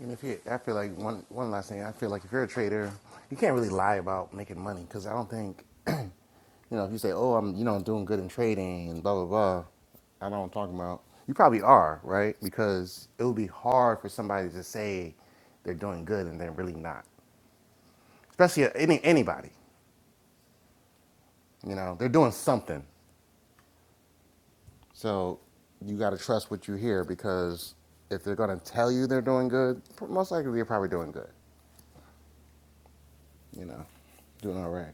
And if you, I feel like one one last thing, I feel like if you're a trader, you can't really lie about making money because I don't think you know if you say, oh, I'm you know doing good in trading and blah blah blah. I don't know I'm talking about. You probably are right because it would be hard for somebody to say they're doing good and they're really not, especially any anybody. You know, they're doing something. So you got to trust what you hear because if they're going to tell you they're doing good, most likely they're probably doing good, you know, doing all right.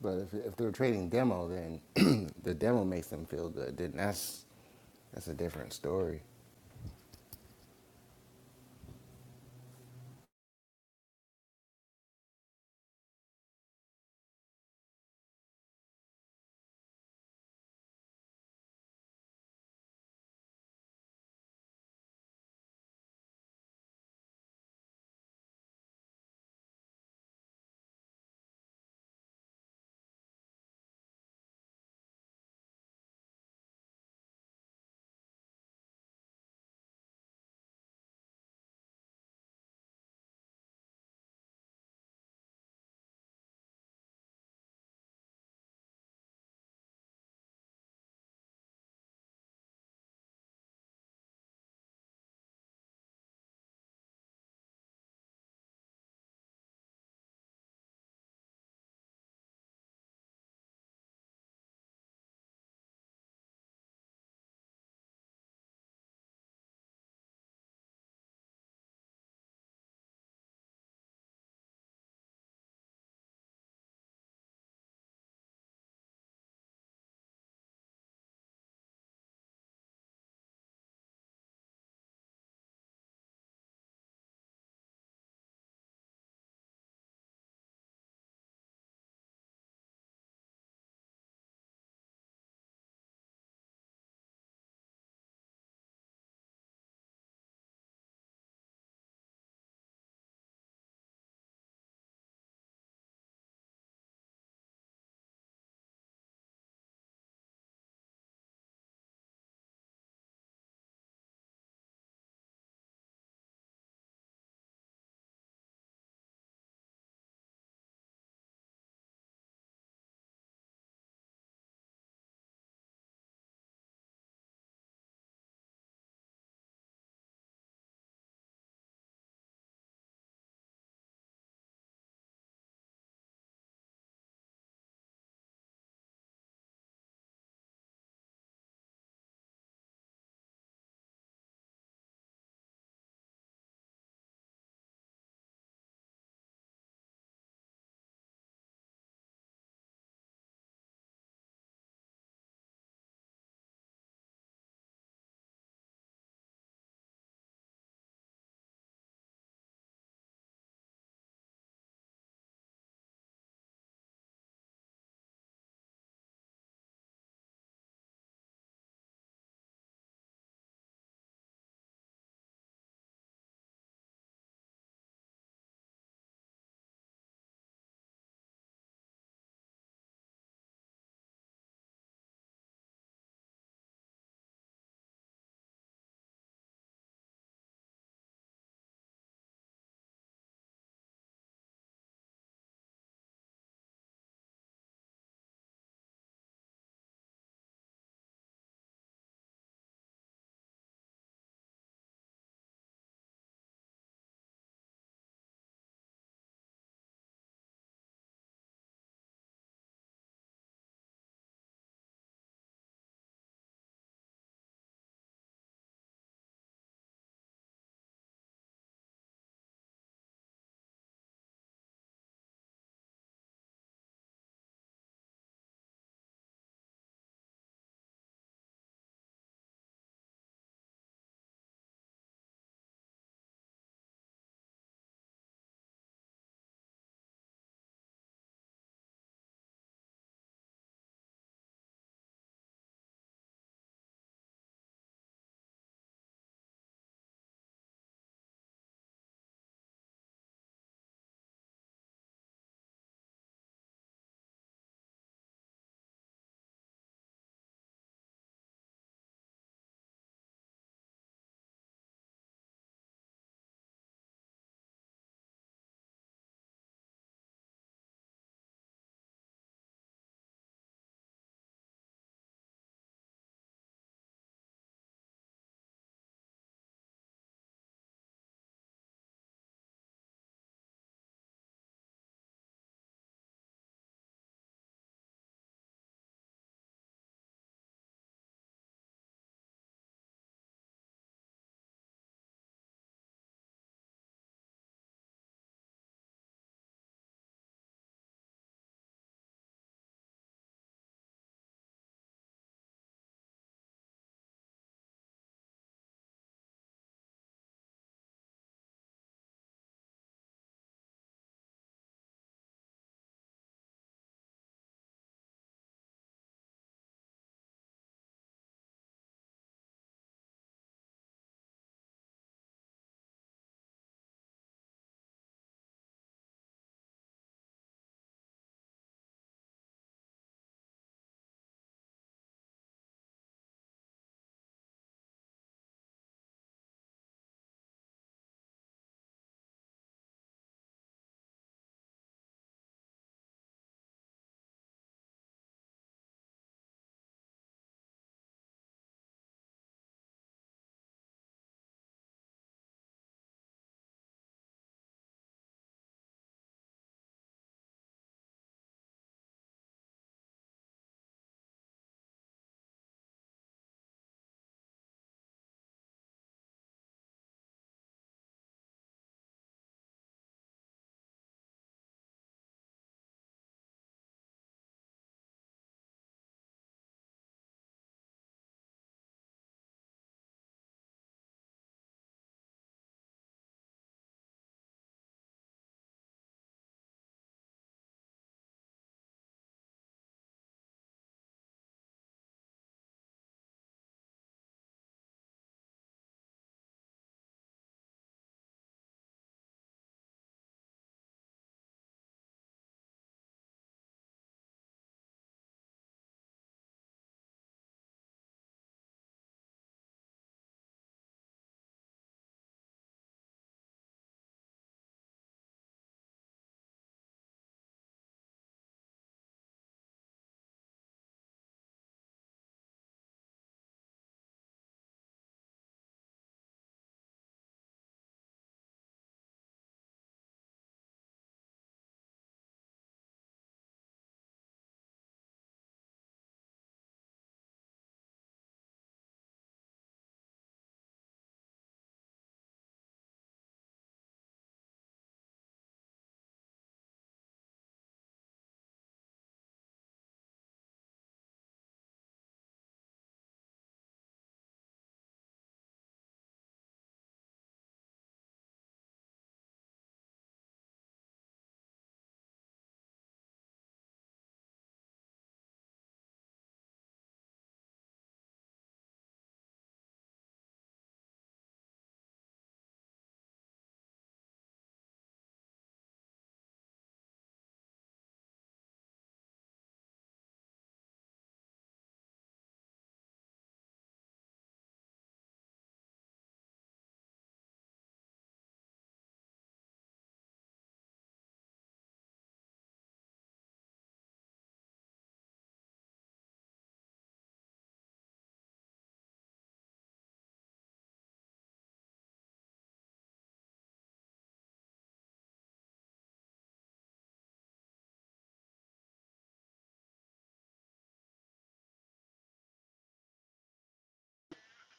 But if, if they're trading demo, then *clears throat* the demo makes them feel good. Then that's that's a different story.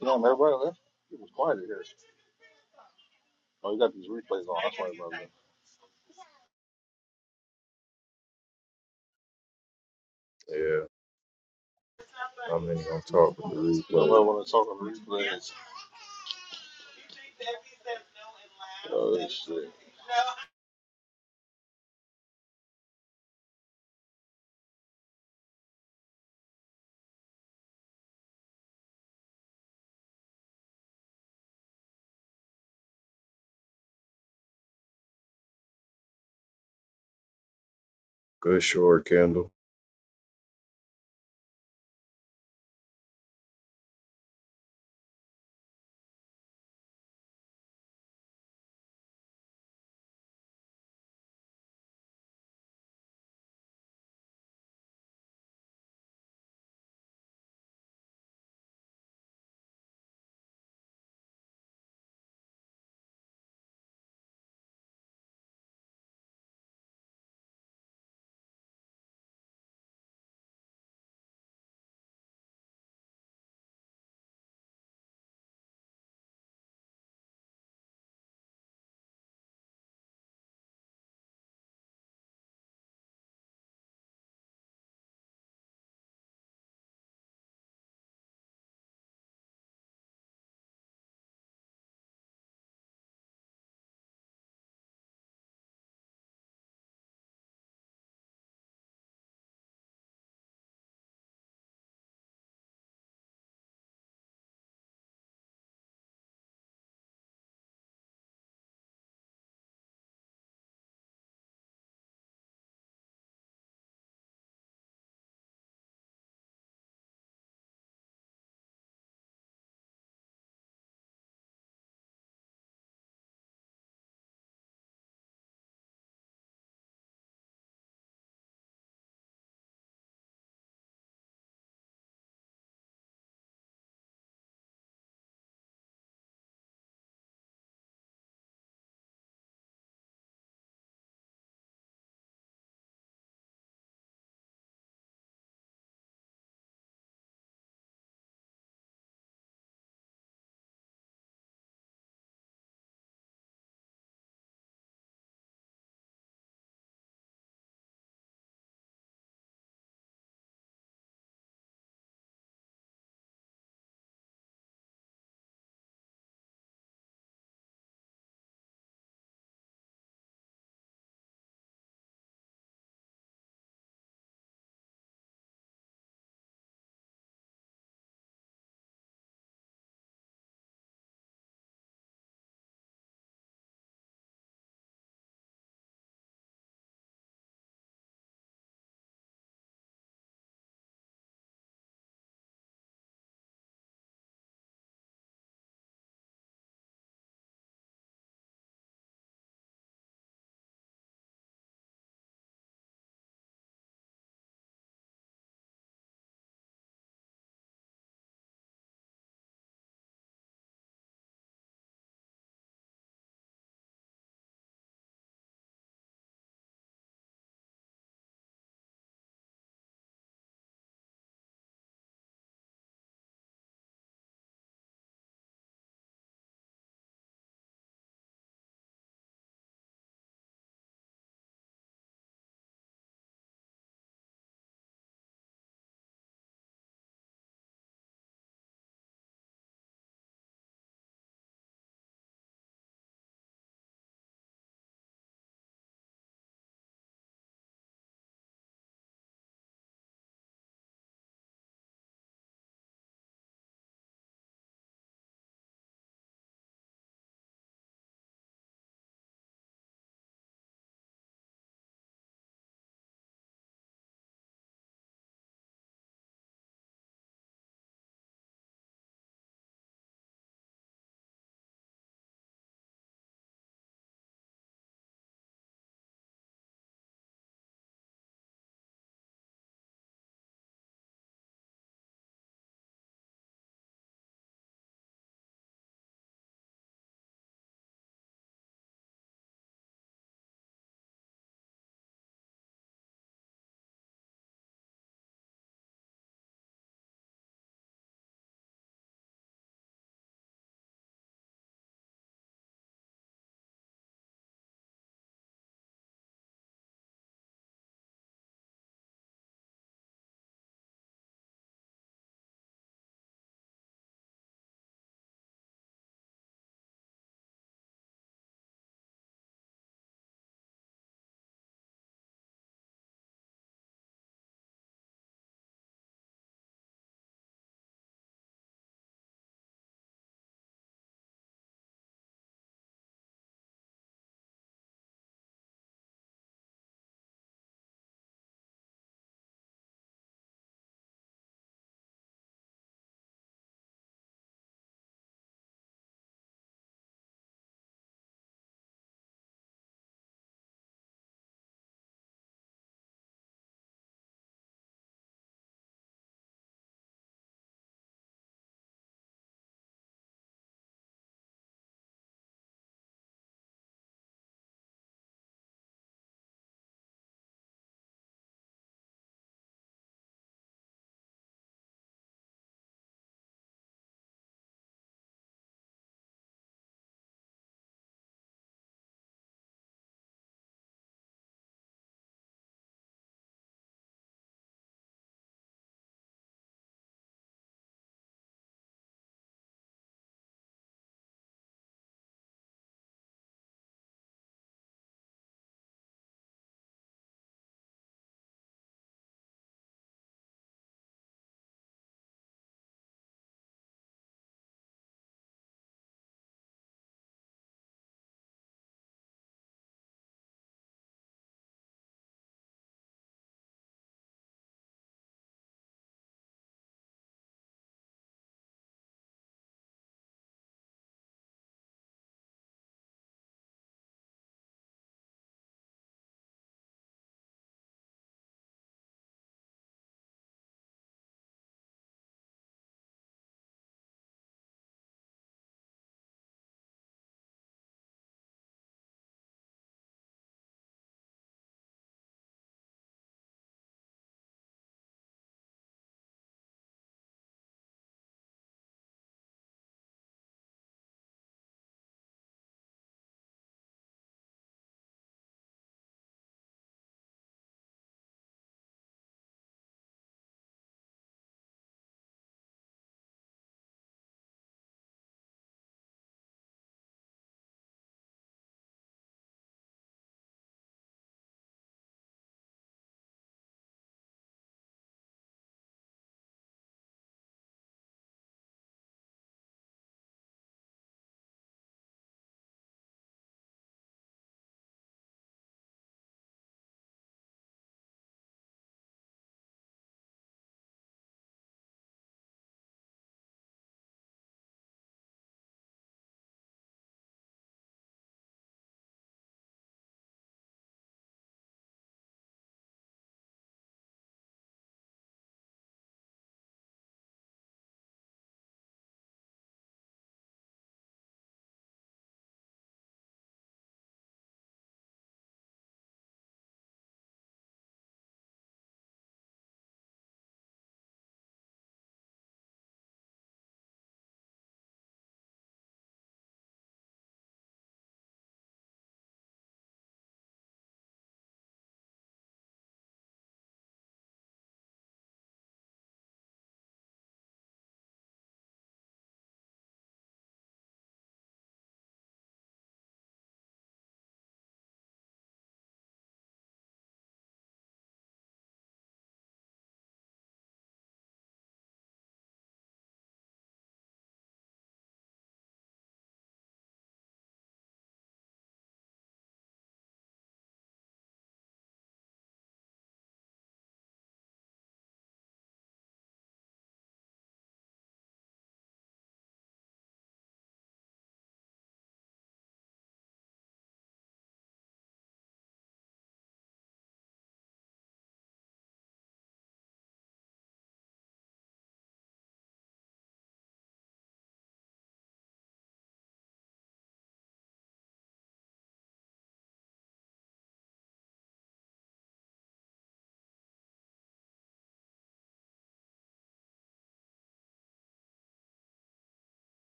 No, man, everybody left. It was quiet in here. Oh, you got these replays on. That's why everybody left.
Yeah. not many gonna talk with the
You don't know
replay.
when I talk on the replays. Oh, shit.
Good short, Kendall.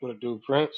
what a dude, Prince.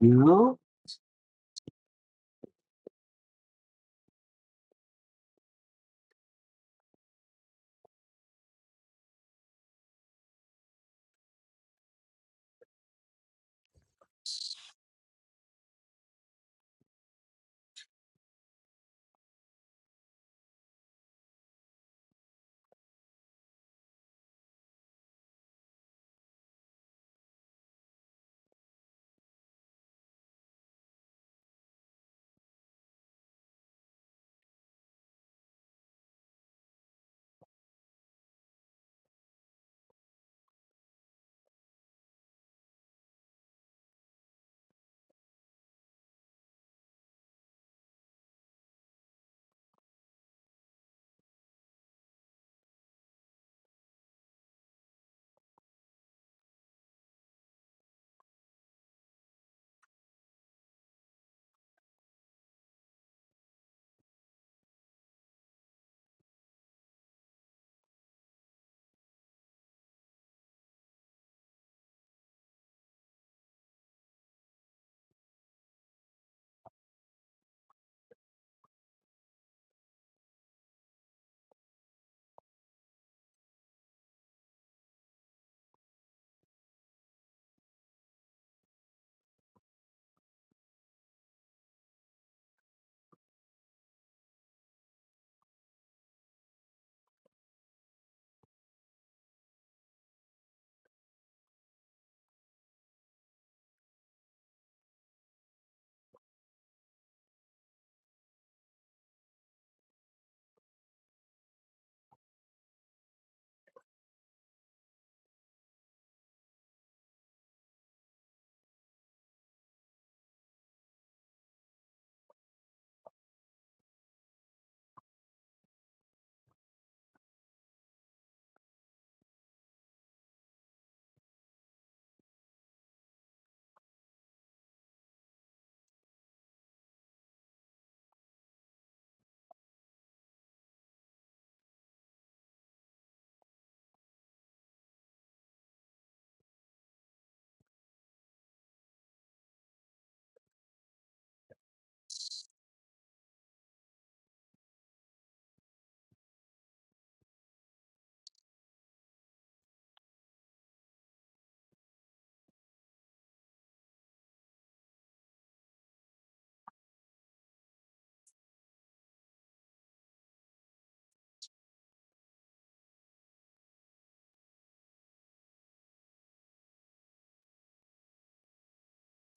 Yeah,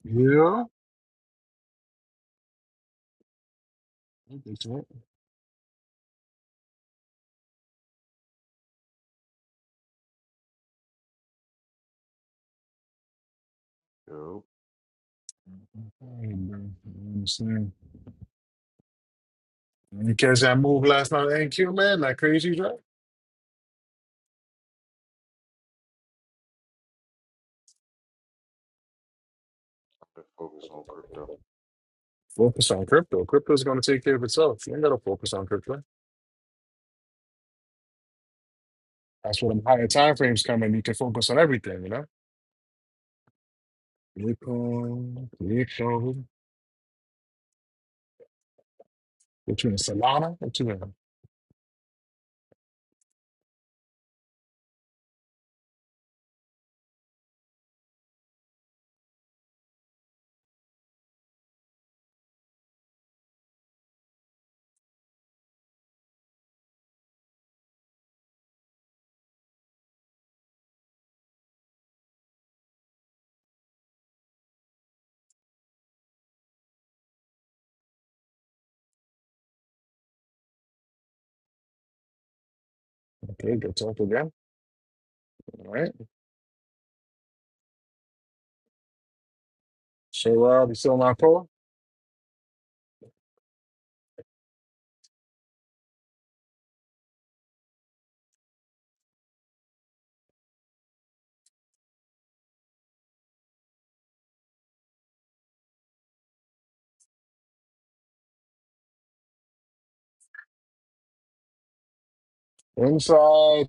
yeah. I get that.
Yep,
Hey, bro. I understand. You catch that move last night, ain't you, man? That crazy drive.
I focus on crypto.
Focus on crypto. Crypto's going to take care of itself. You ain't got to focus on crypto. That's where the higher time frames come in. You can focus on everything, you know? Bitcoin, crypto. What you in Solana? What you in? Okay, go talk again. All right. So, uh, we still not poor. Inside.